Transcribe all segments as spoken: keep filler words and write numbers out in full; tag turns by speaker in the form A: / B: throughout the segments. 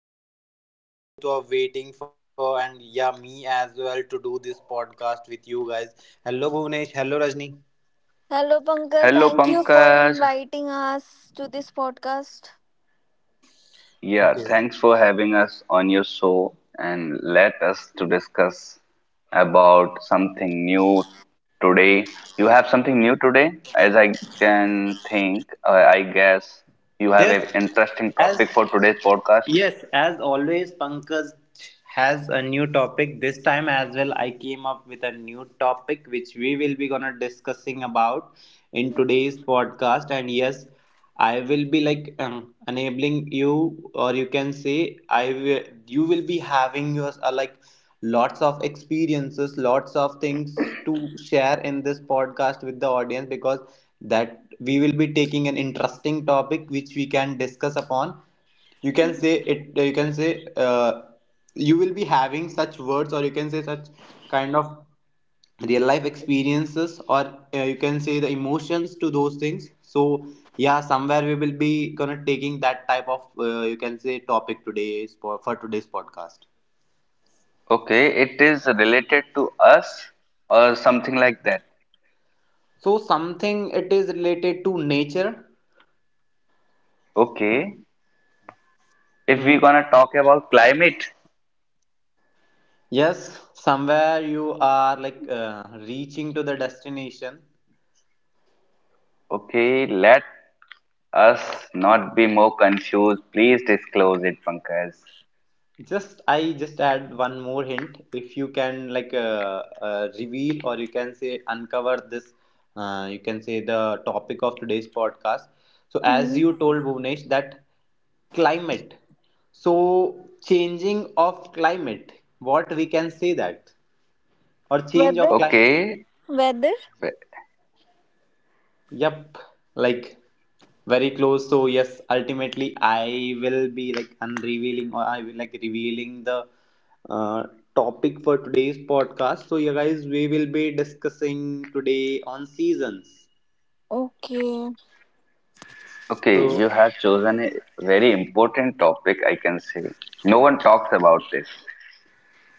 A: new podcast you both are waiting for, and yeah, me as well to do this podcast with you guys. Hello, Bhuvnesh, hello, Rajni.
B: Hello, Pankaj.
C: Hello,
B: Thank you for
C: Pankaj.
B: inviting us to this podcast.
C: Yeah,
A: Okay.
C: thanks for having us on your show and let us to discuss about something new today. You have something new today, as I can think. Uh, I guess you have
A: Yes,
C: an interesting
A: as
C: topic for today's podcast.
A: Yes, as always, Pankaj has a new topic. This time as well, I came up with a new topic which we will be gonna discussing about in today's podcast. And yes, I will be like um, enabling you, or you can say I will. You will be having yours uh, like lots of experiences, lots of things to share in this podcast with the audience because that we will be taking an interesting topic which we can discuss upon, you can say it, uh, you can say, uh, you will be having such words or you can say such kind of real life experiences or, uh, you can say, the emotions to those things. So yeah, somewhere we will be gonna taking that type of, uh, you can say, topic today for, for today's podcast.
C: Okay, it is related to us or something like that.
A: So something, it is related to nature.
C: Okay, if we're
A: Mhm.
C: gonna talk about climate,
A: Yes, somewhere you are like uh, reaching to the destination.
C: okay, let us not be more confused. Please disclose it, Pankaj.
A: Just I just add one more hint. If you can like uh, uh, reveal or you can say uncover this, uh, you can say, the topic of today's podcast. So as
B: Hmm.
A: you told Bhuvnesh that climate. So changing of climate. What we can say, that or change
B: Weather?
A: of climate.
C: Okay,
B: Weather?
C: ve-
A: Yep, like very close. So yes, ultimately I will be like unrevealing or I will like revealing the uh, topic for today's podcast. So yeah, guys, we will be discussing today on seasons.
B: Okay.
C: okay,
A: So,
C: you have chosen a very important topic, I can say. No one talks about this.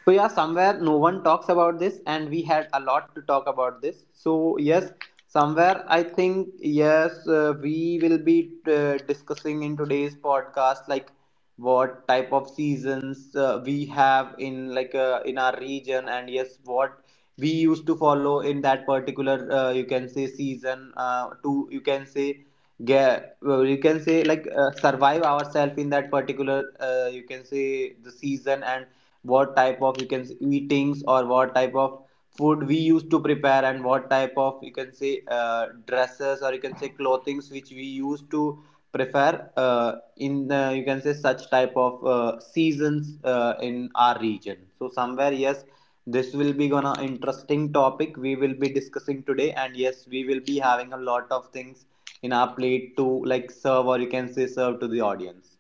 A: so yeah, somewhere no one talks about this, and we had a lot to talk about this. So yes, somewhere I think yes, uh, we will be uh, discussing in today's podcast like what type of seasons uh, we have in like uh, in our region, and yes, what we used to follow in that particular, uh, you can say, season uh, to, you can say, get well, you can say like uh, survive ourselves in that particular, uh, you can say, the season, and what type of, you can say, eatings or what type of food we used to prepare, and what type of, you can say, uh, dresses or you can say clothings which we used to prefer uh, in uh, you can say such type of uh, seasons uh, in our region. So somewhere yes, this will be gonna interesting topic we will be discussing today, and yes, we will be having a lot of things in our plate to like serve or you can say serve to the audience.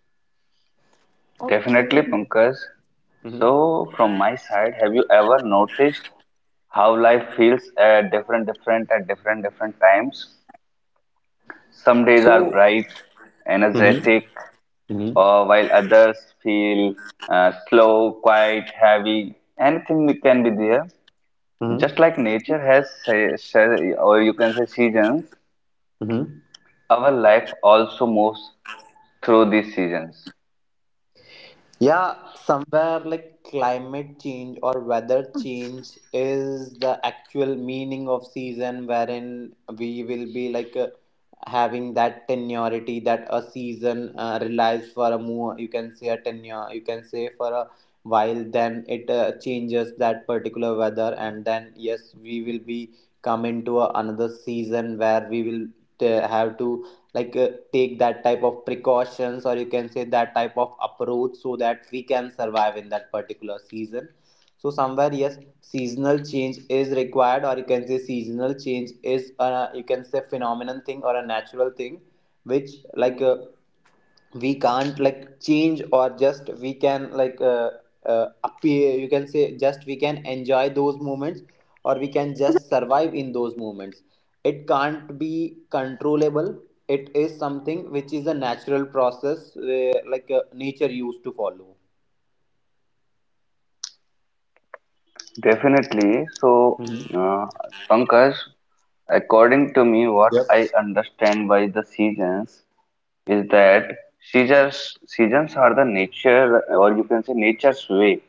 B: Okay.
C: Definitely, Pankaj.
A: Mm-hmm.
C: So, from my side, have you ever noticed how life feels at different, different, at different, different times? Some days are
A: So,
C: bright,
A: mm-hmm,
C: energetic,
A: mm-hmm,
C: or while others feel uh, slow, quiet, heavy. Anything we can be there. Just
A: mm-hmm,
C: like nature has, say se- or you can say seasons,
A: mm-hmm.
C: our life also moves through these seasons.
A: Yeah, somewhere like climate change or weather change is the actual meaning of season, wherein we will be like uh, having that tenuity that a season uh, relies for a more, you can say a tenure, you can say for a while, then it uh, changes that particular weather, and then yes, we will be come into a, another season where we will uh, have to like uh, take that type of precautions or you can say that type of approach so that we can survive in that particular season. So somewhere yes, seasonal change is required, or you can say seasonal change is a, you can say, phenomenon thing or a natural thing which like uh, we can't like change, or just we can like uh, uh, appear, you can say, just we can enjoy those moments or we can just survive in those moments. It can't be controllable. It is something which is a natural process where, like uh, nature used to follow.
C: Definitely. So,
A: Mhm.
C: uh, Pankaj, according to me, what
A: Yep.
C: I understand by the seasons is that seasons seasons are the nature, or you can say nature's way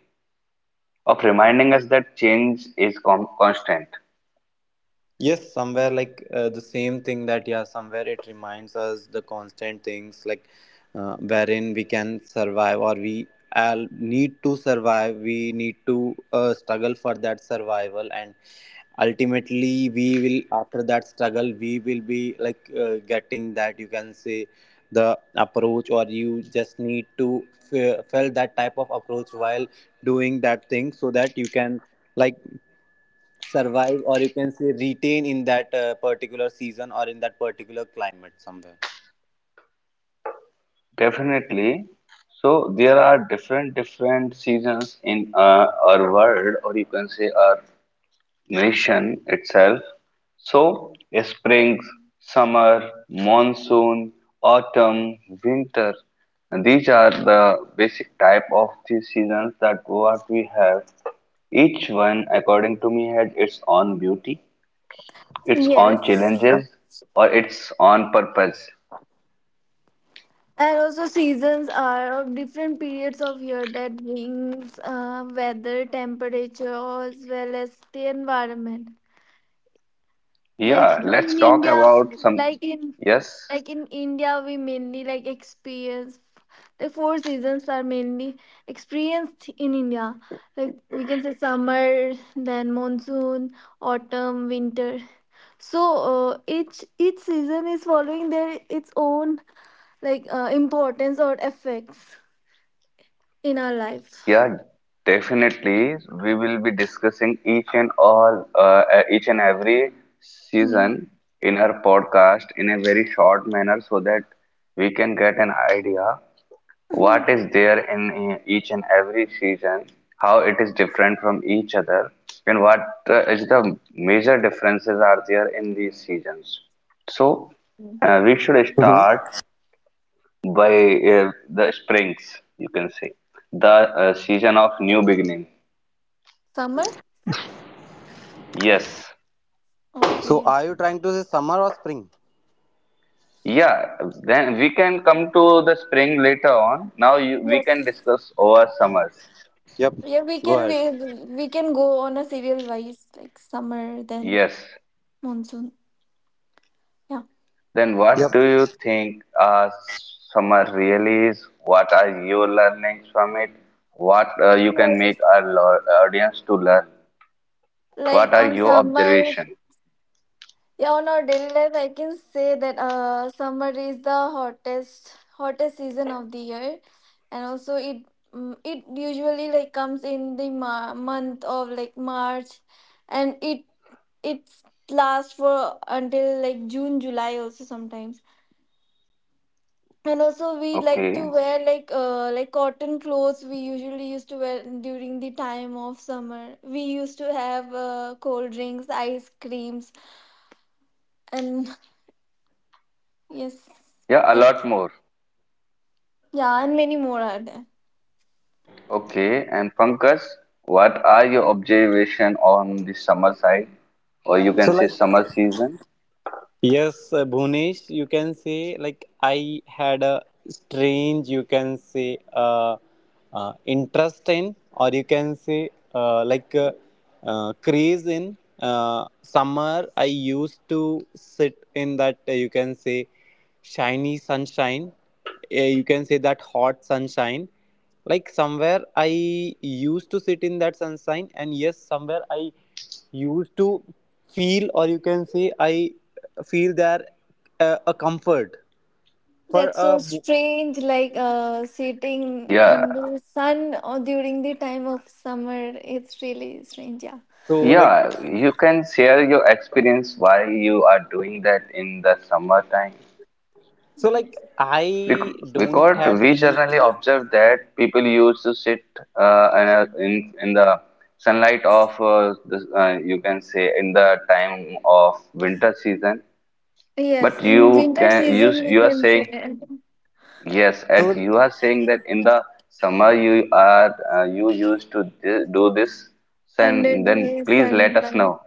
C: of reminding us that change is com- constant.
A: Yes, somewhere like uh, the same thing that, yeah, somewhere it reminds us the constant things like uh, wherein we can survive or we all need to survive, we need to uh, struggle for that survival. And ultimately we will, after that struggle, we will be like uh, getting that, you can say, the approach, or you just need to f- felt that type of approach while doing that thing so that you can like survive, or you can say, retain in that uh, particular season or in that particular climate somewhere.
C: Definitely. So there are different different seasons in uh, our world, or you can say our nation itself. So spring, summer, monsoon, autumn, winter. And these are the basic type of the seasons that what we have. Each one, according to me, had its own beauty, its own
B: Yes.
C: challenges, or its own purpose.
B: And also, seasons are of different periods of year that brings uh, weather, temperature, as well as the environment. like
C: Yeah,
B: in
C: let's talk
B: india
C: about some.
B: like in
C: Yes.
B: like in india we mainly like experience the four seasons are mainly experienced in india, like we can say summer, then monsoon, autumn, winter. So uh, each each season is following their its own, like uh, importance or effects in our life.
C: Yeah, definitely. We will be discussing each and all, uh, uh, each and every
B: Hmm.
C: season in our podcast in a very short manner so that we can get an idea what is there in uh, each and every season, how it is different from each other, and what uh, is the major differences are there in these seasons. So, uh, we should
A: Mhm.
C: start by uh, the springs, you can say. The uh, season of new beginning.
B: Summer.
C: Yes.
A: So,
B: Okay.
A: are you trying to say summer or spring?
C: Yeah, then we can come to the spring later on. Now you, we can
B: Yes.
C: discuss over summers.
A: Yep,
B: Yeah, we
A: go
B: can
A: ahead.
B: we we can go on a serial wise, like summer, then
C: Yes.
B: monsoon. Yeah.
C: Then what
A: Yep.
C: do you think uh, summer really is? What are your learnings from it? What uh, you can
B: Yes.
C: make our lo- audience to learn?
B: Like
C: What are
B: on
C: your
B: summer,
C: observation?
B: yeah, on our daily life, I can say that uh, summer is the hottest hottest season of the year, and also it, mm, it usually like comes in the ma- month of like March, and it it lasts for until like June, July also sometimes. And also we like to
C: Okay.
B: wear like uh like cotton clothes, we usually used to wear during the time of summer. We used to have uh, cold drinks, ice creams, and yes,
C: Yeah, a lot
B: that's,
C: more.
B: yeah, and many more are there.
C: Okay, and Pankaj, what are your observation on the summer side, or you can
A: So
C: say
A: like,
C: summer season?
A: yes, uh, Bhunesh, you can say like I had a strange, you can say, uh, uh, interest in, or you can say uh, like uh, uh, craze in. Uh, summer, I used to sit in that, uh, you can say, shiny sunshine. Uh, you can say that hot sunshine. Like somewhere I used to sit in that sunshine, and yes, somewhere I used to feel, or you can say I feel that uh, a comfort for
B: That's so
A: a bo-
B: strange, like uh sitting in
C: Yeah,
B: the sun or during the time of summer, it's really strange, yeah.
A: so like
C: yeah, you can share your experience you are doing that in the summertime.
A: so like
B: Yes.
A: I
C: Bec-
A: don't
C: Because
A: had
C: we
A: any
C: generally
A: yep
C: observe that people used to sit uh, in, a, in in the sunlight of uh, this, uh, you can say in the time of winter season.
B: Yes,
C: But
B: in
C: you
B: winter
C: can you s-
B: season we
C: you are
B: can say,
C: saying yes, and
A: so,
C: you are saying that in the summer you are uh, you used to thi- do this,
B: under
C: and then
B: the
C: please let
B: sun,
C: us
B: right?
C: know.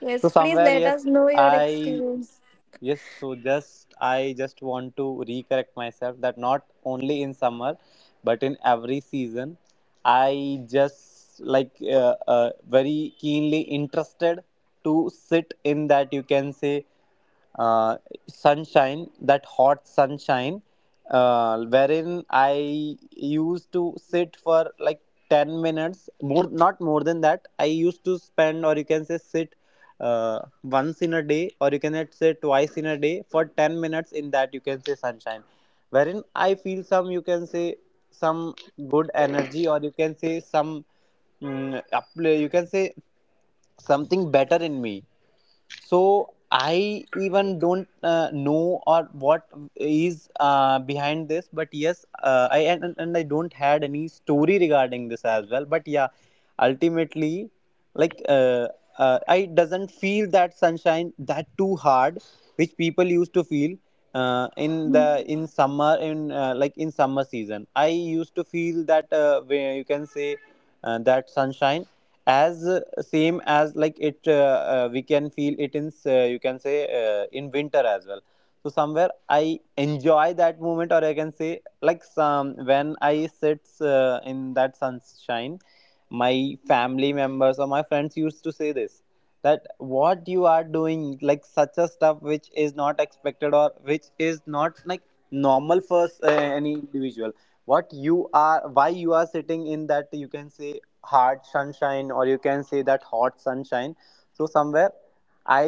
B: Yes,
A: so
B: please
A: somewhere
B: let
A: yes,
B: us know your
A: I
B: experience.
A: yes, so just I just want to recorrect myself that not only in summer, but in every season, I just like uh, uh, very keenly interested to sit in that, you can say, uh, sunshine, that hot sunshine, uh, wherein I used to sit for like ten minutes, more, not more than that. I used to spend, or you can say sit, uh, once in a day, or you can say twice in a day, for ten minutes in that, you can say, sunshine, wherein I feel some, you can say some good energy, or you can say some, mm, up, you can say something better in me. So I even don't uh, know or what is uh, behind this, but yes, uh, I and, and and I don't had any story regarding this as well, but yeah, ultimately like uh, uh, I doesn't feel that sunshine that too hard which people used to feel uh, in the
B: Mhm.
A: in summer in uh, like in summer season. I used to feel that, uh, where you can say, uh, that sunshine as uh, same as like it uh, uh, we can feel it in, uh, you can say, uh, in winter as well. So somewhere I enjoy that moment, or I can say like, some when I sits uh, in that sunshine, my family members or my friends used to say this, that what you are doing like such a stuff which is not expected, or which is not like normal for uh, any individual. What you are, why you are sitting in that, you can say, hard sunshine, or you can say that hot sunshine? So somewhere I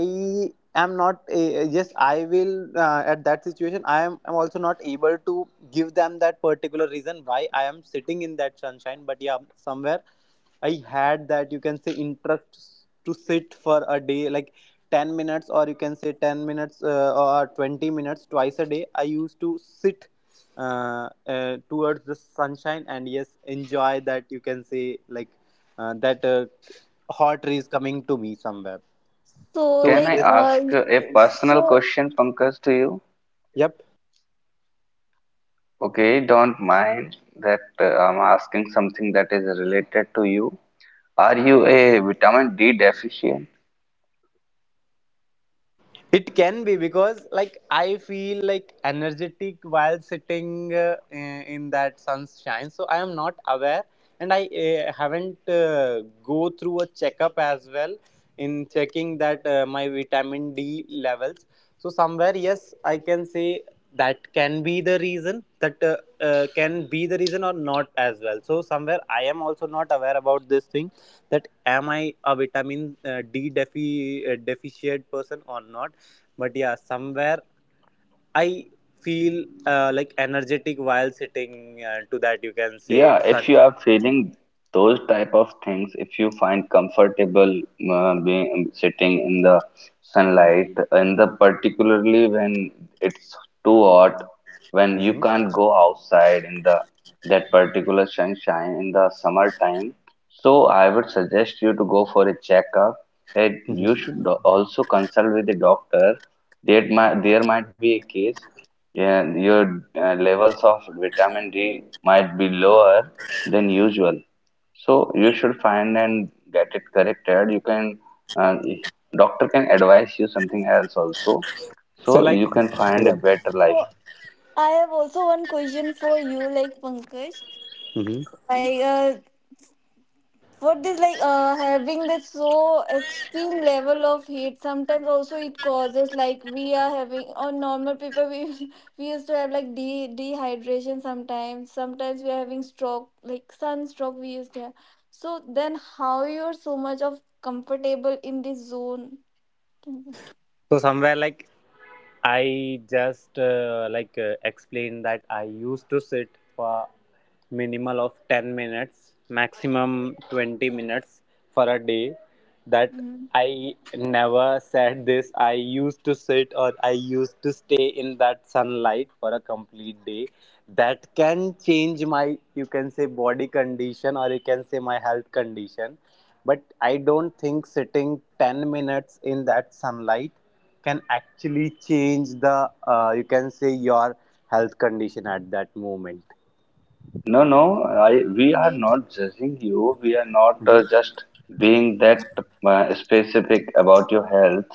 A: am not a, yes I will uh, at that situation, i am I'm also not able to give them that particular reason why I am sitting in that sunshine, but yeah, somewhere I had that, you can say, interest to sit for a day like ten minutes, or you can say ten minutes uh, or twenty minutes twice a day. I used to sit uh, uh, towards the sunshine, and yes, enjoy that, you can say like uh, that uh, hot rays coming to me somewhere.
B: So,
A: So
C: Can I
B: like,
A: this
B: uh,
C: ask a personal
B: so,
C: question, Pankaj, to you?
A: yep.
C: Okay, don't mind that uh, I'm asking something that is related to you. Are you a vitamin D deficient?
A: It can be because, like, I feel like energetic while sitting uh, in in that sunshine. So I am not aware, and I uh, haven't uh, go through a checkup as well, in checking that uh, my vitamin D levels. So somewhere, yes, I can say that can be the reason. That uh, uh, can be the reason or not as well. So somewhere, I am also not aware about this thing. That am I a vitamin uh, D defi- uh, deficient person or not? But yeah, somewhere I feel uh, like energetic while sitting uh, to that, you can say,
C: Yeah, if you
A: sunshine.
C: are feeling those type of things, if you find comfortable uh, being um, sitting in the sunlight, in the particularly when it's too hot, when you
A: Hmm,
C: can't go outside in the that particular sunshine in the summertime, so I would suggest you to go for a checkup. And you
A: hmm.
C: should do- also consult with the doctor. There might there might be a case yeah, and your uh, levels of vitamin D might be lower than usual. So you should find and get it corrected. You can, uh, doctor can advise you something else also.
A: So
C: So
A: like,
C: you can find a
A: yeah.
C: better life.
B: so I have also one question for you, like Pankaj.
A: Hmm.
B: Like, uh, what is like uh, having this so extreme level of heat? Sometimes also it causes, like we are having on normal people, we we used to have like de dehydration sometimes. Sometimes we are having stroke, like sunstroke we used to have. So then, how you're so much of comfortable in this zone? Mhm.
A: So somewhere like, I just uh, like uh, explained that I used to sit for minimal of ten minutes, maximum twenty minutes for a day. That
B: Mhm.
A: I never said this, I used to sit or I used to stay in that sunlight for a complete day, that can change my, you can say, body condition, or you can say my health condition. But I don't think sitting ten minutes in that sunlight can actually change the, uh, you can say, your health condition at that moment.
C: No, no, I, we are
B: Yay.
C: not judging you. We are not uh, just being that uh, specific about your health.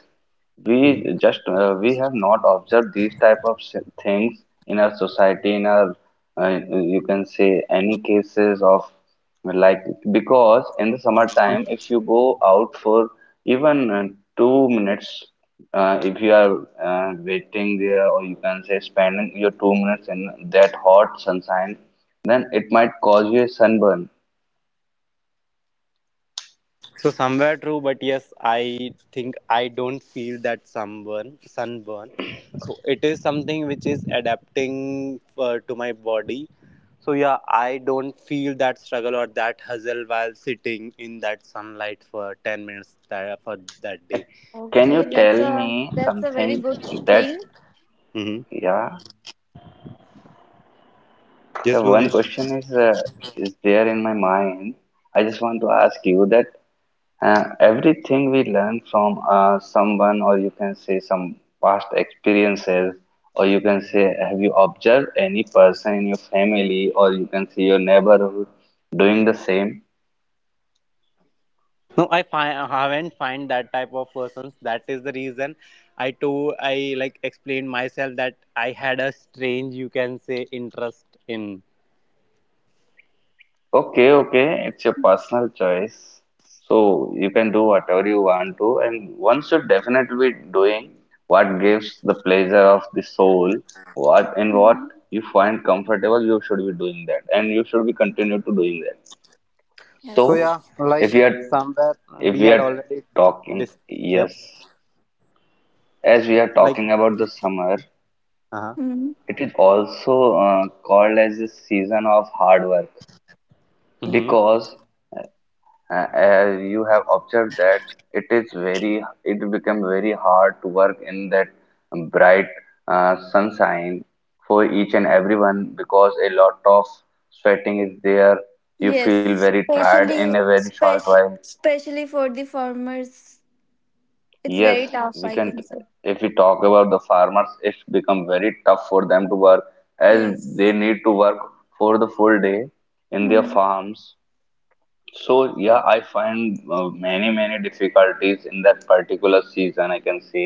A: Mhm.
C: We just uh, we have not observed these type of s- things in our society, in our uh, you can say any cases of like because in the summertime, if you go out for even uh, two minutes, uh, if you are uh, waiting there, or you can say spending your two minutes in that hot sunshine then it might cause you a sunburn.
A: So somewhere true, but yes, I think I don't feel that sunburn. Sunburn. So it is something which is adapting uh, to my body. So yeah, I don't feel that struggle or that hustle while sitting in that sunlight for ten minutes, that, for that
C: Uh,
A: day.
C: Can you
B: Okay, that's
C: tell
B: a
C: me
B: that's a very
C: something
B: good
C: that,
B: thing.
A: Mm-hmm.
C: yeah,
A: Yes,
C: the one question
A: Bonish.
C: is uh, is there in my mind. I just want to ask you that uh, everything we learn from uh, someone, or you can say some past experiences, or you can say, have you observed any person in your family, or you can see your neighborhood doing the same?
A: No, I find I haven't find that type of persons. That is the reason I told, I like explained myself that I had a strange, you can say, interest in.
C: Okay, okay, it's your personal choice. So you can do whatever you want to, and one should definitely be doing what gives the pleasure of the soul, what and what
B: Mhm.
C: you find comfortable, you should be doing that, and you should be continue to doing that.
A: So
B: Yes.
A: yeah,
C: So if
A: like
B: Sure.
C: we are
A: somewhere
C: if
A: we
C: we
A: had
C: are
A: already
C: talking,
A: dis yep.
C: yes, as we are
A: Like
C: talking about the summer,
A: uh-huh.
B: Mhm.
C: it is also uh, called as the season of hard work
A: Mm-hmm.
C: because uh, as you have observed that it is very it become very hard to work in that bright uh, sunshine for each and everyone because a lot of sweating is there. You feel
B: Yes,
C: very tired in a
B: especially
C: very short
B: spec-
C: while.
B: especially for the farmers, it's
C: Yes,
B: very tough,
C: we
B: I
C: can,
B: can say.
C: if we talk about the farmers it's become very tough for them to work as they
B: Yes.
C: need to work for the full day in their
B: Mm-hmm.
C: farms. So yeah, I find uh, many many difficulties in that particular season, I can say.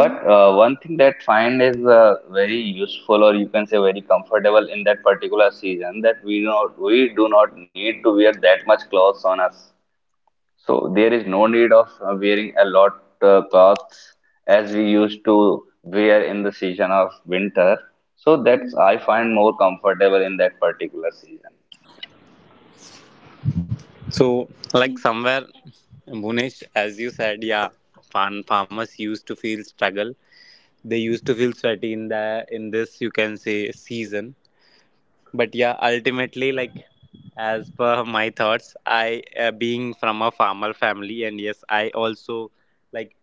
C: But uh, one thing that find is uh, very useful, or you can say very comfortable in that particular season, that we not we do not need to wear that much clothes on us. So there is no need of uh, wearing a lot uh, clothes as we used to wear in the season of winter. So that's
B: Mm-hmm.
C: I find more comfortable in that particular season.
A: So, like somewhere, Bhunesh, as you said, yeah, farm farmers used to feel struggle. They used to feel sweaty in the in this you can say season. But yeah, ultimately, like as per my thoughts, I uh, being from a farmer family, and yes, I also like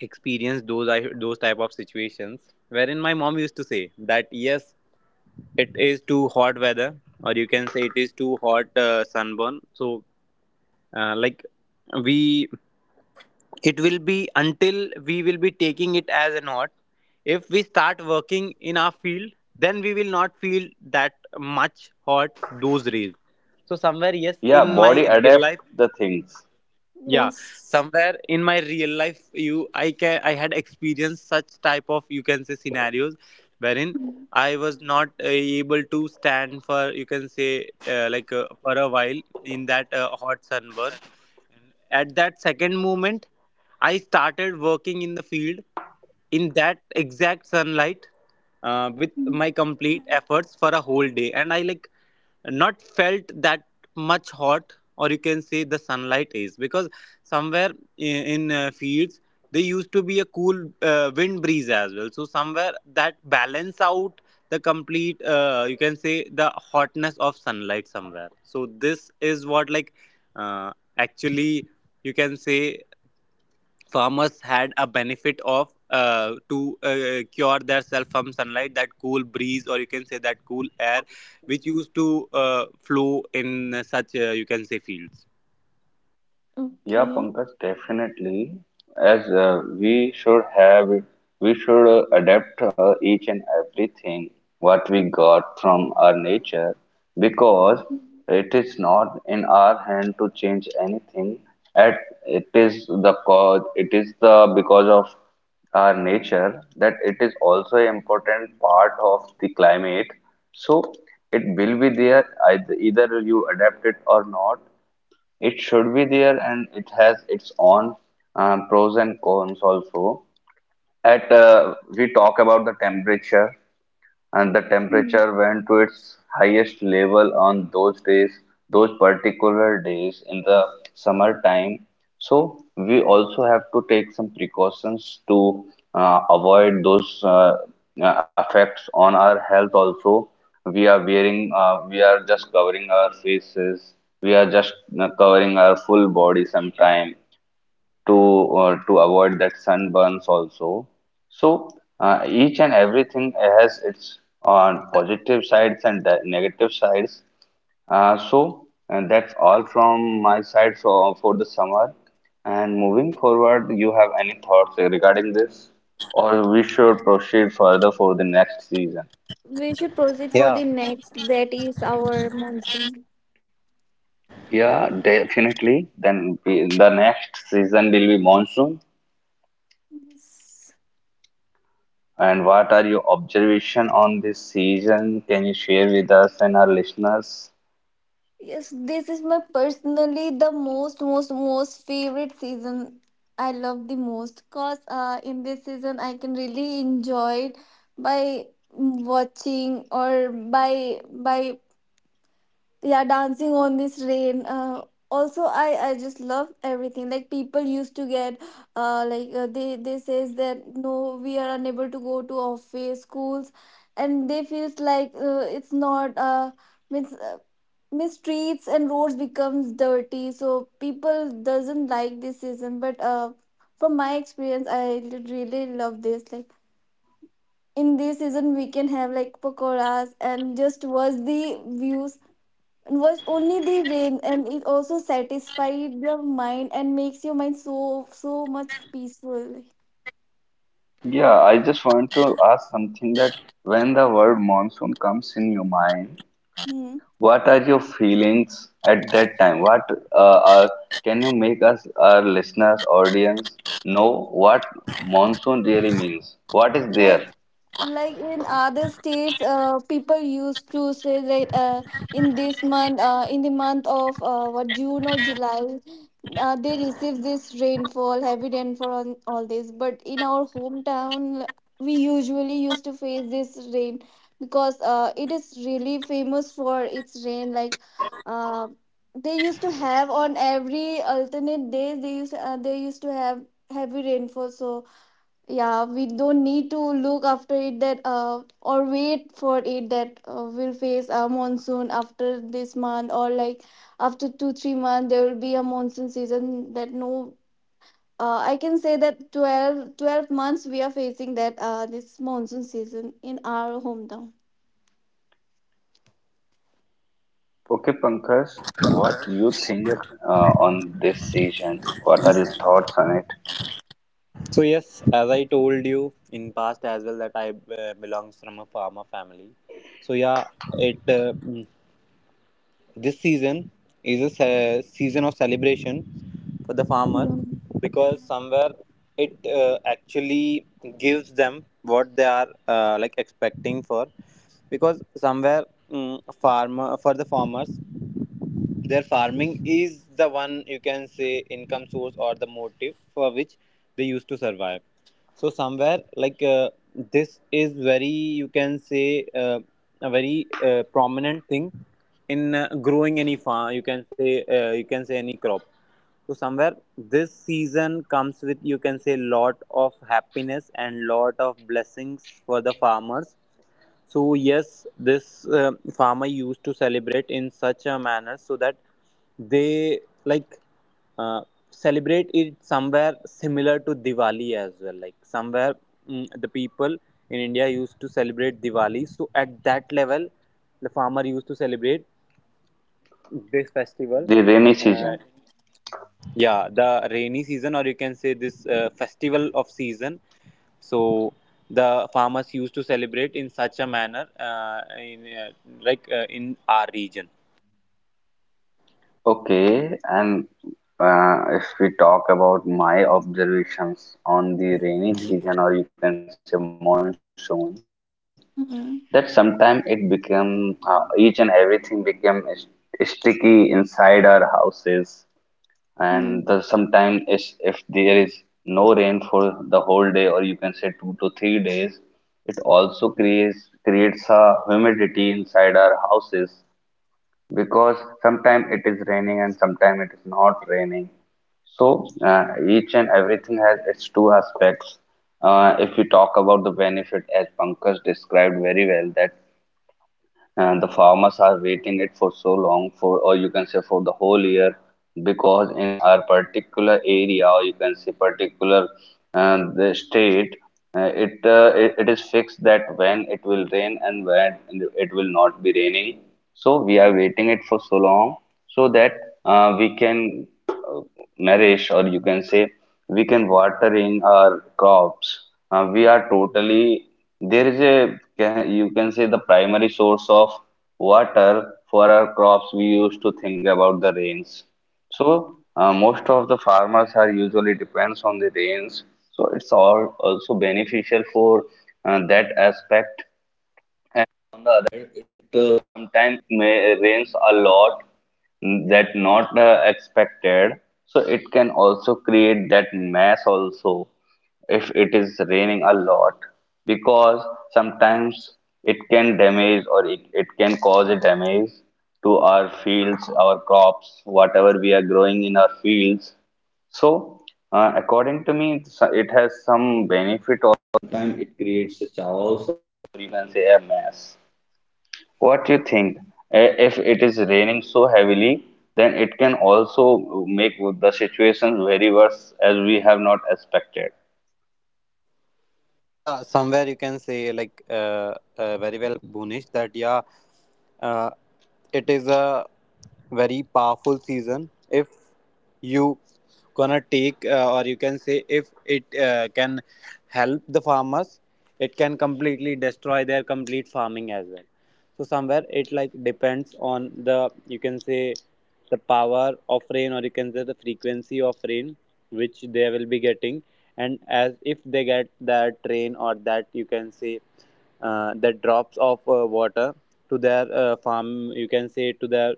A: experienced those I, those type of situations wherein my mom used to say that yes it is too hot weather or you can say it is too hot uh, sunburn. So uh, like we it will be until we will be taking it as a hot if we start working in our field then we will not feel that much hot those rays. So somewhere yes
C: Yeah,
A: in my
C: body
A: real life,
C: adapt the things.
A: yeah,
B: Yes.
A: somewhere in my real life you I can I had experienced such type of you can say scenarios wherein
B: Mhm.
A: I was not uh, able to stand for you can say uh, like uh, for a while in that uh, hot sunburn. At that second moment I started working in the field in that exact sunlight, uh, with my complete efforts for a whole day and I like not felt that much hot or you can say the sunlight is because somewhere in, in uh, fields there used to be a cool uh, wind breeze as well, so somewhere that balance out the complete uh, you can say the hotness of sunlight somewhere. So this is what like uh, actually you can say farmers had a benefit of uh, to uh, cure themselves from sunlight, that cool breeze or you can say that cool air which used to uh, flow in such uh, you can say fields.
C: Yeah,
B: Okay.
C: Pankaj, definitely. As uh, we should have, it- we should uh, adapt uh, each and everything what we got from our nature because it is not in our hand to change anything. At it is the cause, it is the because of our nature that it is also an important part of the climate. So it will be there either, either you adapt it or not, it should be there, and it has its own um, pros and cons also. At uh, we talk about the temperature and the
B: Mm.
C: temperature went to its highest level on those days, those particular days in the summertime. So we also have to take some precautions to uh, avoid those uh, uh, effects on our health also. We are wearing, uh, we are just covering our faces. We are just uh, covering our full body sometime to uh, to avoid that sunburns also. So uh, each and everything has its uh, positive sides and the negative sides. Uh, so and that's all from my side for, for the summer. And moving forward, you have any thoughts regarding this, or we should proceed further for the next season?
B: We should proceed for
A: Yeah.
B: the next. That is our monsoon.
C: Yeah, definitely. Then we- the next season will be monsoon.
B: Yes.
C: And what are your observation on this season? Can you share with us and our listeners?
B: Yes, this is my personally the most most most favorite season. I love the most, cause uh, in this season I can really enjoy it, by watching or by by, yeah, dancing on this rain. Uh, also, i i just love everything. Like, people used to get, uh, like, uh, they they says that no, we are unable to go to office, schools, and they feels like uh, it's not, uh, means, uh, means streets and roads becomes dirty. So people doesn't like this season, but uh, from my experience I really love this. Like, in this season we can have like pakoras and just watch the views, was only the rain, and it also satisfied your mind and makes your mind so so much peaceful.
C: Yeah, I just want to ask something that when the word monsoon comes in your mind,
B: Hmm.
C: what are your feelings at that time? What uh, uh, can you make us, our listeners, audience, know what monsoon really means? What is there?
B: like like in other states, uh, people used to say that uh, in this month, uh, in the month of uh, what, June or July, uh, they receive this rainfall, heavy rainfall on all this. But in our hometown we usually used to face this rain, because uh, it is really famous for its rain. Like, uh, they used to have on every alternate days, they used uh, they used to have heavy rainfall. So yeah, we don't need to look after it, that uh, or wait for it that, uh, we'll face a monsoon after this month, or like after two three months there will be a monsoon season. That no, uh, I can say that twelve twelve months we are facing that, uh, this monsoon season in our hometown.
C: Okay, Pankaj, what you think uh, on this season? What are your thoughts on it?
A: So yes, as I told you in past as well that I uh, belongs from a farmer family. So yeah, it uh, this season is a season of celebration for the farmer
B: Mm,
A: because somewhere it uh, actually gives them what they are uh, like expecting for, because somewhere mm farmer for the farmers their farming is the one you can say income source or the motive for which they used to survive. So somewhere like uh, this is very you can say uh, a very uh, prominent thing in uh, growing any farm, you can say uh, you can say any crop. So somewhere this season comes with you can say lot of happiness and lot of blessings for the farmers. So yes, this uh, farmer used to celebrate in such a manner so that they like uh, celebrate it somewhere similar to Diwali as well. Like somewhere mm, the people in India used to celebrate Diwali. So at that level, the farmer used to celebrate this festival.
C: The rainy
A: Uh,
C: season.
A: yeah, the rainy season, or you can say this uh, festival of season. So the farmers used to celebrate in such a manner uh, in uh, like uh, in our region.
C: Okay, and uh, if we talk about my observations on the rainy
A: Mhm.
C: season, or you can say monsoon,
B: mm,
C: that sometimes it become uh, each and everything become st- sticky inside our houses,
B: mm.
C: and the sometimes is if there is no rain for the whole day, or you can say two to three days, creates creates a humidity inside our houses because sometimes it is raining and sometimes it is not raining. So, uh, each and everything has its two aspects. Uh, if you talk about the benefit, as Pankaj described very well, that and the farmers are waiting it for so for or you can say for the whole year because in our particular area or you can say particular uh, the state uh, it, uh, it it is fixed that when it will rain and when will not be raining so we are
B: Mm.
C: waiting it for so long so that uh, we can uh, nourish or you can say we can watering our crops. Uh, we are totally there is a ca- you can say the primary source of water for our crops. We used to think about the rains. So uh, most of the farmers are usually depends on the rains. So it's all also beneficial for uh, that aspect. Can also make the situation very worse as we have not expected.
A: Yeah, somewhere you can say like uh, uh, very well, Bunish, that yeah, uh, it is a very powerful season. If you gonna take uh, or you can say if it uh, can help the farmers, it can completely destroy their complete farming as well. So somewhere it like depends on the you can say the power of rain or you can say the frequency of rain which they will be getting, and as if they get that rain or that you can say uh, the drops of uh, water to their uh, farm, you can say to their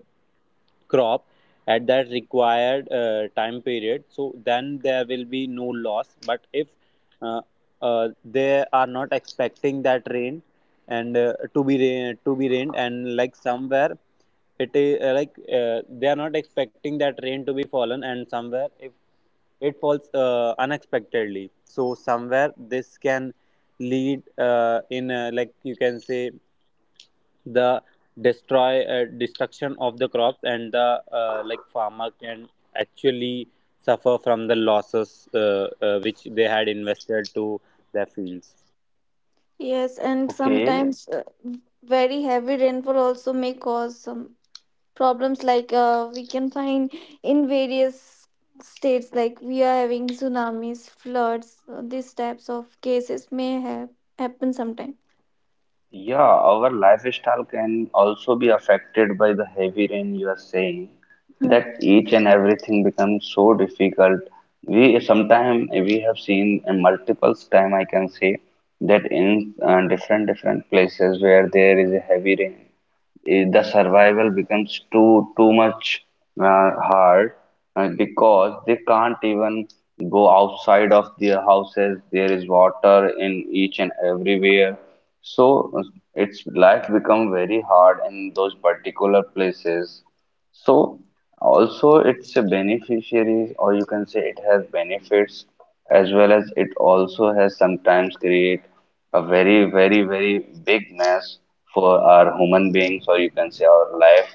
A: crop at that required uh, time period, so then there will be no loss. But if uh, uh, they are not expecting that rain and uh, to be ra- to be rained, and like somewhere it is uh, like uh, they are not expecting that rain to be fallen, and somewhere if it falls uh, unexpectedly, so somewhere this can lead uh, in uh, like you can say the destroy uh, destruction of the crops and the uh, like farmer can actually suffer from the losses, uh, uh, which they had invested to their fields.
B: Yes, and
C: Okay,
B: sometimes, uh, very heavy rainfall also may cause some problems, like uh, we can find in various states, like we are having tsunamis, floods, uh, these types of cases may have happen sometime.
C: yeah, our lifestyle can also be affected by the heavy rain you are saying that
B: Hmm.
C: each and everything becomes so difficult. We sometimes we have seen uh, multiple time I can say that in uh, different different places where there is a heavy rain eh, the survival becomes too too much uh, hard uh, because they can't even go outside of their houses. There is water in each and everywhere, so uh, it's life become very hard in those particular places. So also it's a beneficiaries, or you can say it has benefits, as well as it also has sometimes create a very very very big mess for our human beings, or you can say our life.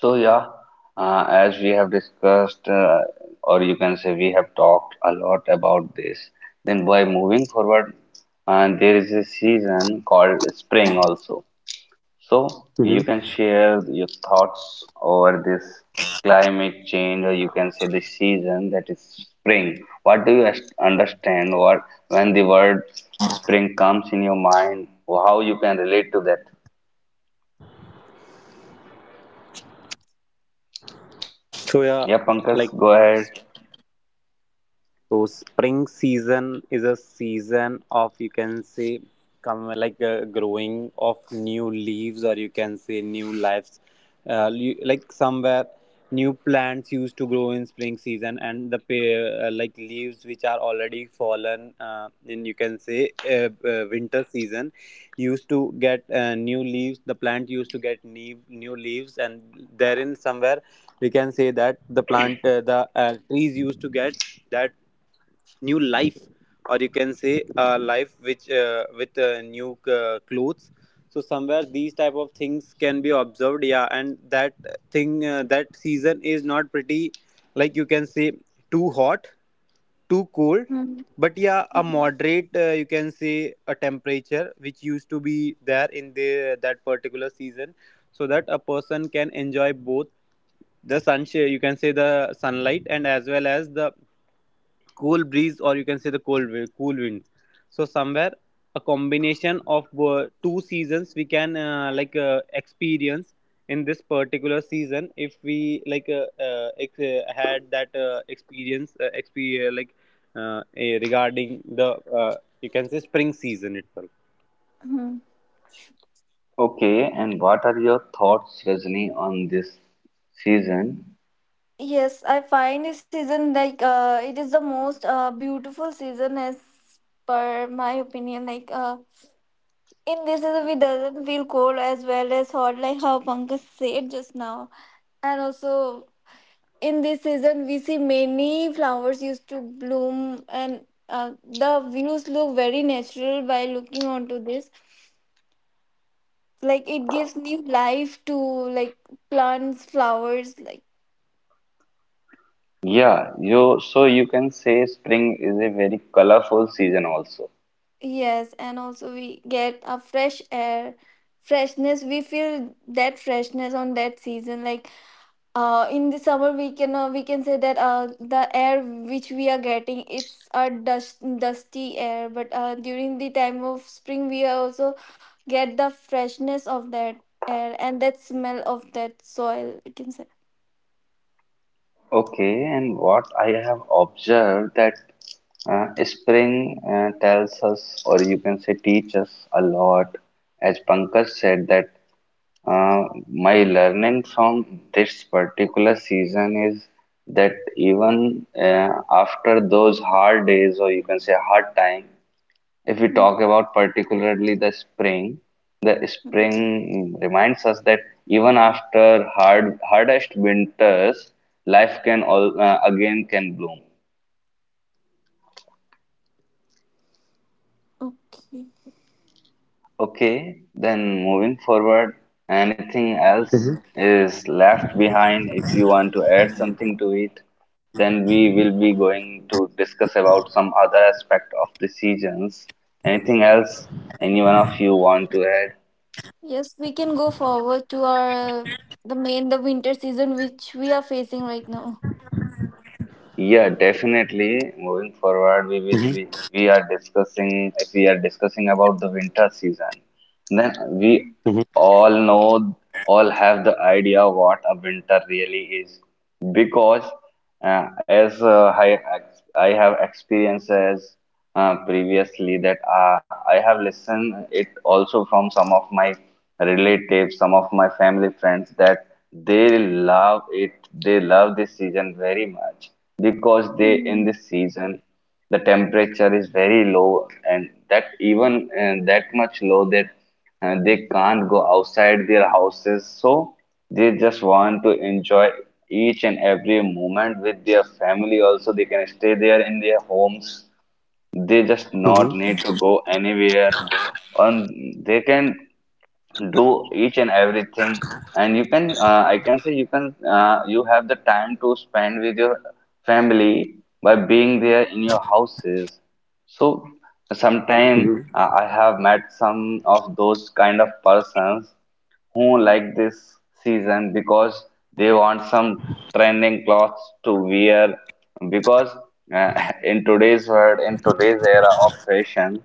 C: So yeah, uh, as we have discussed, uh, or you can say we have talked a lot about this. Then by moving forward, and there is a season called spring also. So you can
A: Mhm.
C: share your thoughts over this climate change, or you can say the season that is spring. What do you as- understand? What when the word spring comes in your mind? How you can relate to that?
A: So yeah,
C: Yeah, Pankaj,
A: like
C: go ahead.
A: So spring season is a season of you can say come like uh, growing of new leaves or you can say new lives. Uh, you- like somewhere new plants used to grow in spring season, and the pa- uh, like leaves which are already fallen uh, in you can say uh, uh, winter season used to get uh, new leaves, the plant used to get new, new leaves, and therein somewhere we can say that the plant uh, the uh, trees used to get that new life or you can say a life which uh, with uh, new uh, clothes. So somewhere these type of things can be observed, yeah, and that thing uh, that season is not pretty like you can say too hot, too cold,
B: Hmm.
A: but yeah, a moderate uh, you can say a temperature which used to be there in the that particular season so that a person can enjoy both the sunshine, you can say the sunlight, and as well as the cool breeze or you can say the cold wi- cool winds. So somewhere a combination of bo- two seasons we can uh, like uh, experience in this particular season if we like uh, uh, ex- uh, had that uh, experience uh, exp- uh, like uh, eh, regarding the uh, you can say spring season itself.
B: Hmm.
C: Okay, and what are your thoughts, Rajni, on this season?
B: Yes, I find this season, like uh, it is the most uh, beautiful season as per my opinion. Like, uh, in this season, we doesn't feel cold as well as hot, like how Pankaj said just now. And also, in this season we see many flowers used to bloom, and uh, the views look very natural by looking onto this, like it gives new life to like plants, flowers, like.
C: Yeah, you so you can say spring is a very colorful season also.
B: Yes, and also we get a fresh air, freshness, we feel that freshness on that season. Like, uh, in the summer we can, uh, we can say that uh, the air which we are getting, it's a dust, dusty air. But uh, during the time of spring we are also get the freshness of that air, and that smell of that soil, we can say.
C: Okay, and what I have observed that uh, spring uh, tells us, or you can say, teach us a lot. As Pankaj said, that uh, my learning from this particular season is that even uh, after those hard days, or you can say hard time, if we talk about particularly the spring, the
B: Mhm.
C: spring reminds us that even after hard hardest winters, life can all uh, again can bloom.
B: Okay.
C: Okay, then moving forward, anything else
A: Mm-hmm.
C: is left behind. If you want to add something to it, then we will be going to discuss about some other aspect of the seasons. Anything else any one of you want to add?
B: Yes, we can go forward to our, the main, the winter season, which we are facing right now.
C: Yeah, definitely. Moving forward, we will be we are discussing. If we are discussing about the winter season, then we all know all have the idea what a winter really is, because uh, as uh, I ex- I have experiences uh, previously, that uh, I have listened it also from some of my relatives, some of my family friends, that they love it. They love this season very much because they in this season the temperature is very low, and that even uh, that much low that uh, they can't go outside their houses. So they just want to enjoy each and every moment with their family. Also, they can stay there in their homes, they just not need to go anywhere, and they can do each and everything. And you can uh, I can say you can uh, you have the time to spend with your family by being there in your houses. So
A: Mm-hmm.
C: sometime uh, I have met some of those kind of persons who like this season because they want some trending clothes to wear. Because uh, in today's world, in today's era of fashion,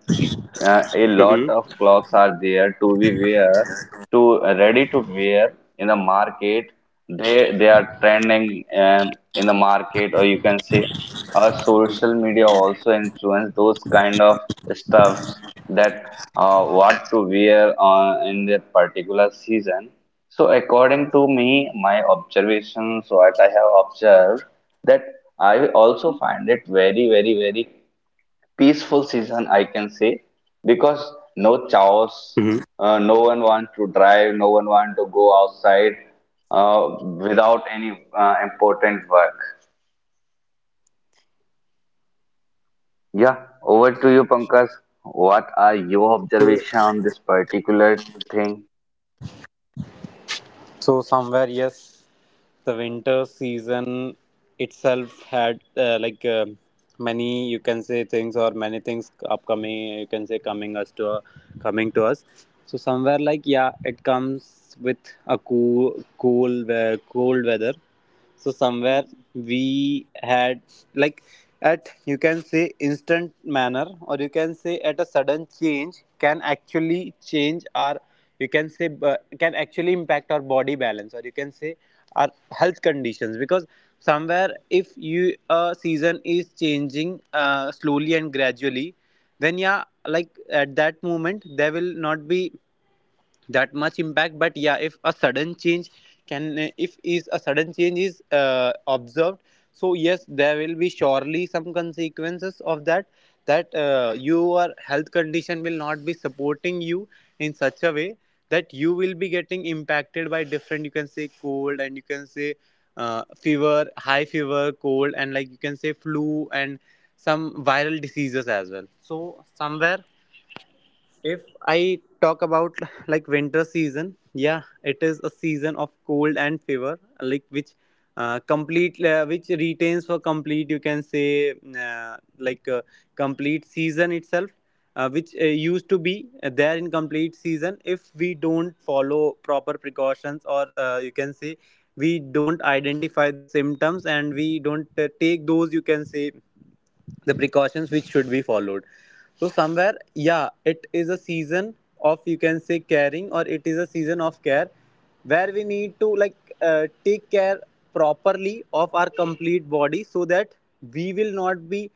C: uh, a lot of clothes are there to be wear to uh, ready to wear in the market. They they are trending um, in the market, or you can say our social media also influence those kind of stuffs, that uh, what to wear on in that particular season. So according to me, my observations, what I have observed, that I also find it very, very, very peaceful season, I can say, because no chaos,
A: Hmm.
C: uh, no one want to drive, no one want to go outside uh, without any uh, important work. Yeah, over to
B: Mhm.
C: you, Pankaj. What are your observation on this particular thing?
A: So somewhere, yes, the winter season itself had uh, like uh, many you can say things, or many things upcoming, you can say coming us to uh, coming to us. So somewhere like yeah, it comes with a cool cool uh, cold weather. So somewhere we had like at you can say instant manner or you can say at a sudden change can actually change our you can say uh, can actually impact our body balance or you can say our health conditions, because somewhere if you a season is changing uh, slowly and gradually, then yeah like at that moment there will not be that much impact. But yeah, if a sudden change can if is a sudden change is uh, observed, so yes there will be surely some consequences of that, that uh, your health condition will not be supporting you in such a way that you will be getting impacted by different you can say cold and you can say uh, fever, high fever, cold, and like you can say flu and some viral diseases as well. So somewhere if I talk about like winter season, yeah, it is a season of cold and fever, like which uh, complete uh, which retains for complete you can say uh, like uh, complete season itself, uh, which uh, used to be there in complete season if we don't follow proper precautions, or uh, you can say we don't identify the symptoms and we don't uh, take those you can say the precautions which should be followed. So somewhere, yeah, it is a season of you can say caring, or it is a season of care, where we need to like uh, take care properly of our complete body so that we will not be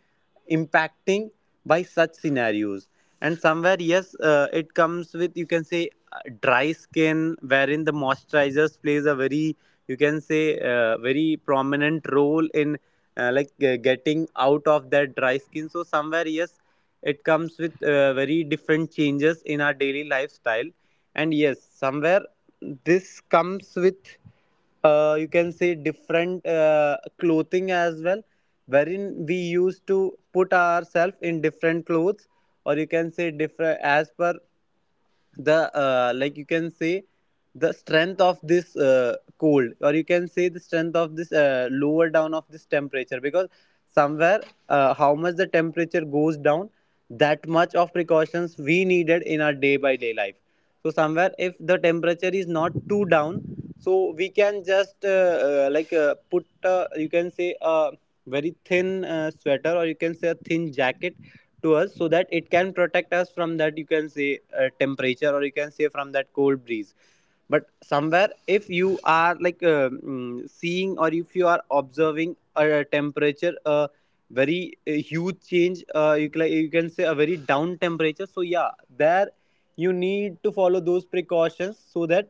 A: impacting by such scenarios. And somewhere yes uh, it comes with you can say uh, dry skin wherein the moisturizers plays a very you can say uh, very prominent role in uh, like uh, getting out of that dry skin. So somewhere yes it comes with uh, very different changes in our daily lifestyle. And yes somewhere this comes with uh, you can say different uh, clothing as well, wherein we used to put ourselves in different clothes, or you can say different as per the uh, like you can say the strength of this uh, cold, or you can say the strength of this uh, lower down of this temperature, because somewhere uh, how much the temperature goes down, that much of precautions we needed in our day by day life. So somewhere if the temperature is not too down, so we can just uh, uh, like uh, put uh, you can say a very thin uh, sweater, or you can say a thin jacket to us so that it can protect us from that you can say uh, temperature, or you can say from that cold breeze. But somewhere if you are like uh, mm, seeing, or if you are observing a temperature a very uh, huge change, uh, you, can, you can say a very down temperature, so yeah there you need to follow those precautions so that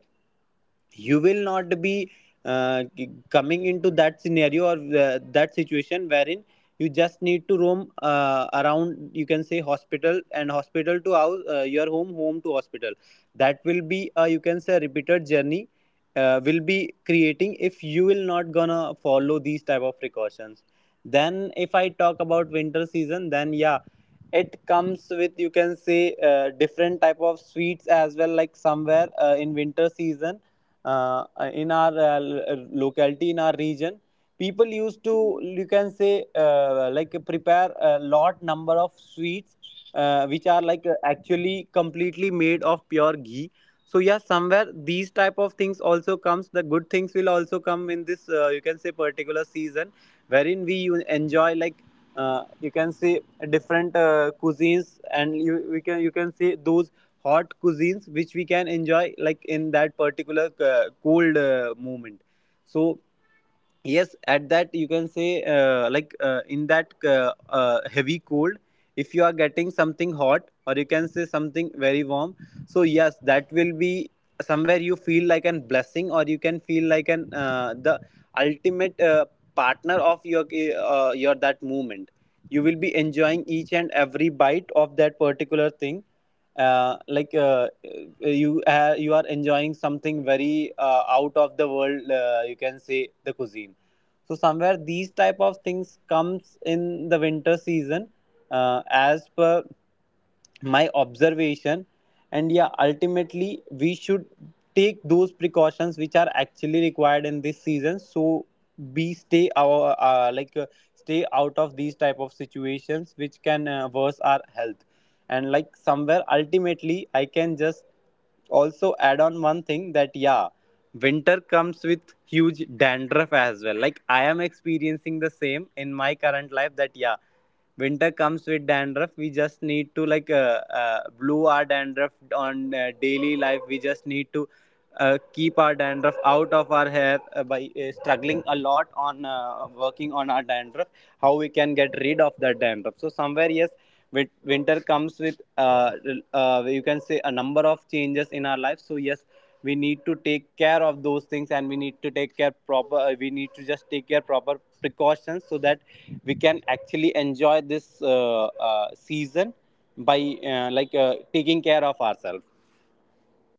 A: you will not be uh, coming into that scenario or uh, that situation wherein you just need to roam uh, around you can say hospital and hospital to house, uh, your home home to hospital. That will be uh, you can say a repeated journey uh, will be creating if you will not gonna follow these type of precautions. Then if I talk about winter season, then yeah it comes with you can say uh, different type of sweets as well. Like somewhere uh, in winter season, uh, in our uh, uh, locality, in our region, people used to you can say uh, like prepare a lot number of sweets uh, which are like uh, actually completely made of pure ghee. So yeah somewhere these type of things also comes, the good things will also come in this uh, you can say particular season, wherein we u- enjoy like uh, you can see different uh, cuisines, and you we can you can see those hot cuisines which we can enjoy like in that particular uh, cold uh, moment. So yes, at that you can say uh, like uh, in that uh, uh, heavy cold, if you are getting something hot or you can say something very warm, so yes that will be somewhere you feel like an blessing, or you can feel like an uh, the ultimate uh, partner of your uh, your that moment. You will be enjoying each and every bite of that particular thing, uh, like uh, uh, you uh, you are enjoying something very uh, out of the world, uh, you can say the cuisine. So somewhere these type of things comes in the winter season, uh, as per my observation. And yeah ultimately we should take those precautions which are actually required in this season, so we stay our uh, like uh, stay out of these type of situations which can uh, worse our health. And like somewhere ultimately I can just also add on one thing that yeah winter comes with huge dandruff as well, like I am experiencing the same in my current life, that yeah winter comes with dandruff. We just need to like uh, uh, blue our dandruff on uh, daily life. We just need to uh, keep our dandruff out of our hair uh, by uh, struggling a lot on uh, working on our dandruff, how we can get rid of that dandruff. So somewhere yes, with winter comes with uh, uh, you can say a number of changes in our life. So yes, we need to take care of those things, and we need to take care proper we need to just take care proper precautions so that we can actually enjoy this uh, uh, season by uh, like uh, taking care of ourselves.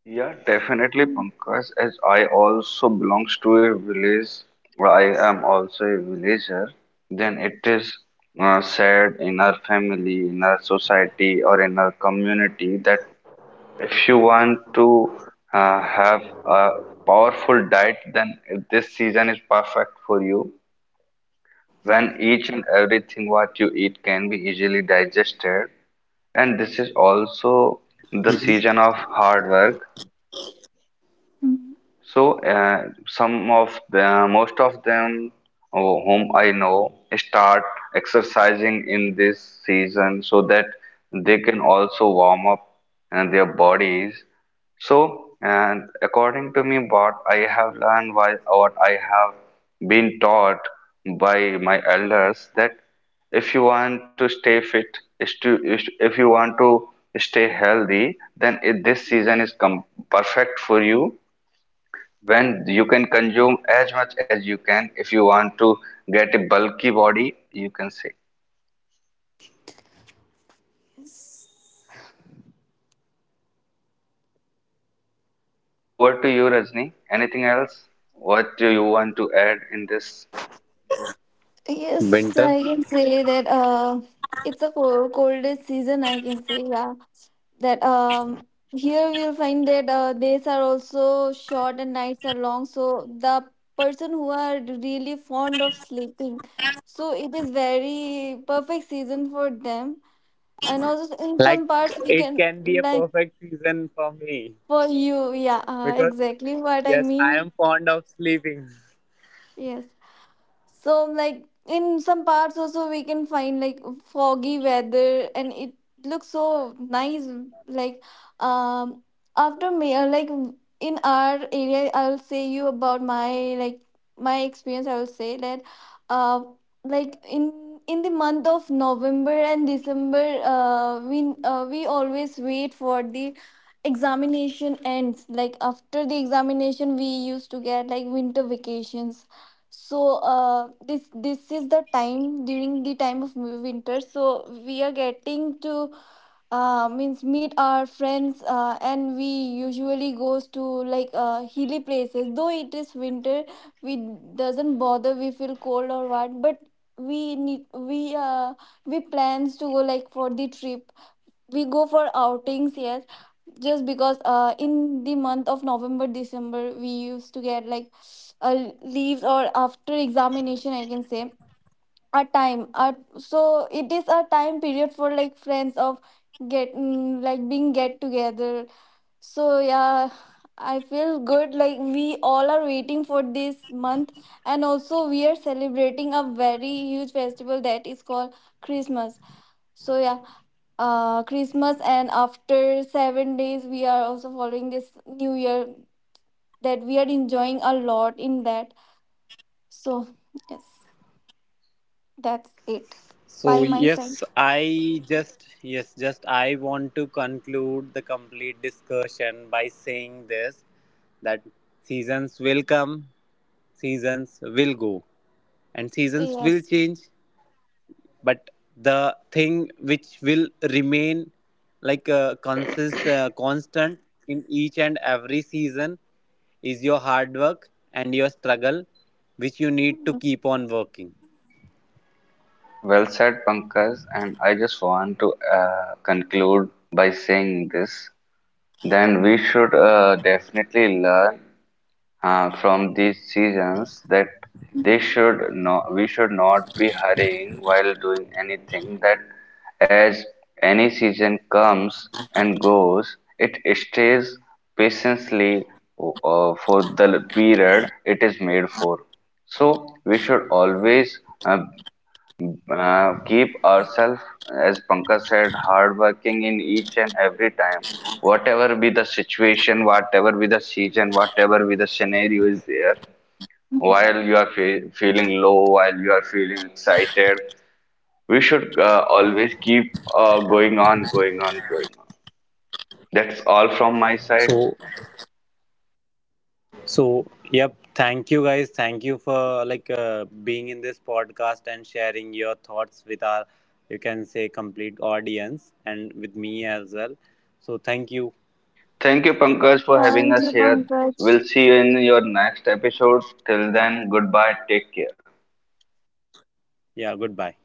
C: Yeah, definitely, Pankaj. As I also belongs to a village, I am also a villager. Then it is uh, said in our family, in our society, or in our community that if you want to uh, have a powerful diet, then this season is perfect for you. When each and everything what you eat can be easily digested, and this is also the season of hard work. So, uh, some of the most of them oh, whom I know, start exercising in this season so that they can also warm up and their bodies. So, and according to me, what I have learned, why what I have been taught by my elders, that if you want to stay fit, is to- is- if you want to stay healthy, then it, this season is com perfect for you, when you can consume as much as you can, if you want to get a bulky body, you can say. Over to you, Rajni. Anything else, what do you want to add in this?
B: Yes,
A: Winter.
B: I can say that uh, it's a co- coldest season, I can say, yeah, that um, here we'll find that uh, days are also short and nights are long. So the person who are really fond of sleeping, so it is very perfect season for them. And also in some
A: Like
B: parts we
A: it
B: can,
A: can be a
B: like,
A: perfect season for me
B: for you, yeah, uh,
A: because
B: exactly what I
A: yes, I
B: mean.
A: am fond of sleeping.
B: Yes. So like in some parts also we can find like foggy weather, and it looks so nice. Like, um after me, uh, like in our area I'll say you about my, like, my experience. I will say that, uh like, in in the month of November and December, uh we uh, we always wait for the examination ends, like after the examination we used to get like winter vacations. So uh, this this is the time, during the time of winter, so we are getting to, uh, means, meet our friends, uh, and we usually goes to like uh, hilly places, though it is winter we doesn't bother, we feel cold or what, but we need we uh we plans to go like for the trip, we go for outings, yes. Just because uh in the month of November, December we used to get like, uh, leaves, or after examination I can say, a time, uh, so it is a time period for like friends of get, mm, like, being get together. So yeah, I feel good, like we all are waiting for this month. And also we are celebrating a very huge festival that is called Christmas. So yeah, uh, Christmas, and after seven days we are also following this New Year, that we are enjoying a lot in that. So, yes, that's it
A: So
B: by my
A: yes,
B: side.
A: I just yes just I want to conclude the complete discussion by saying this, that seasons will come, seasons will go, and seasons will
B: Yes.
A: change, but the thing which will remain like uh, consist, uh, constant in each and every season is your hard work and your struggle, which you need to
B: Mhm.
A: keep on working.
C: Well said, Pankaj, and I just want to uh, conclude by saying this, then we should uh, definitely learn uh, from these seasons, that they
B: Mhm.
C: should not we should not be hurrying while doing anything, that as any season comes and goes, it stays patiently uh, for the period it is made for. So we should always uh, uh, keep ourselves, as Pankaj said, hardworking in each and every time. Whatever be the situation, whatever be the season, whatever be the scenario is there,
B: Mhm.
C: while you are fe feeling low, while you are feeling excited, we should uh, always keep uh, going on, going on, going on. That's all from my side.
A: So so yep, thank you guys, thank you for like uh, being in this podcast and sharing your thoughts with our you can say complete audience and with me as well. So thank you.
C: Thank you, Pankaj, for having
B: Thank you,
C: us here.
B: Pankaj.
C: We'll see you in your next episode. Till then, goodbye. Take care.
A: Yeah, goodbye.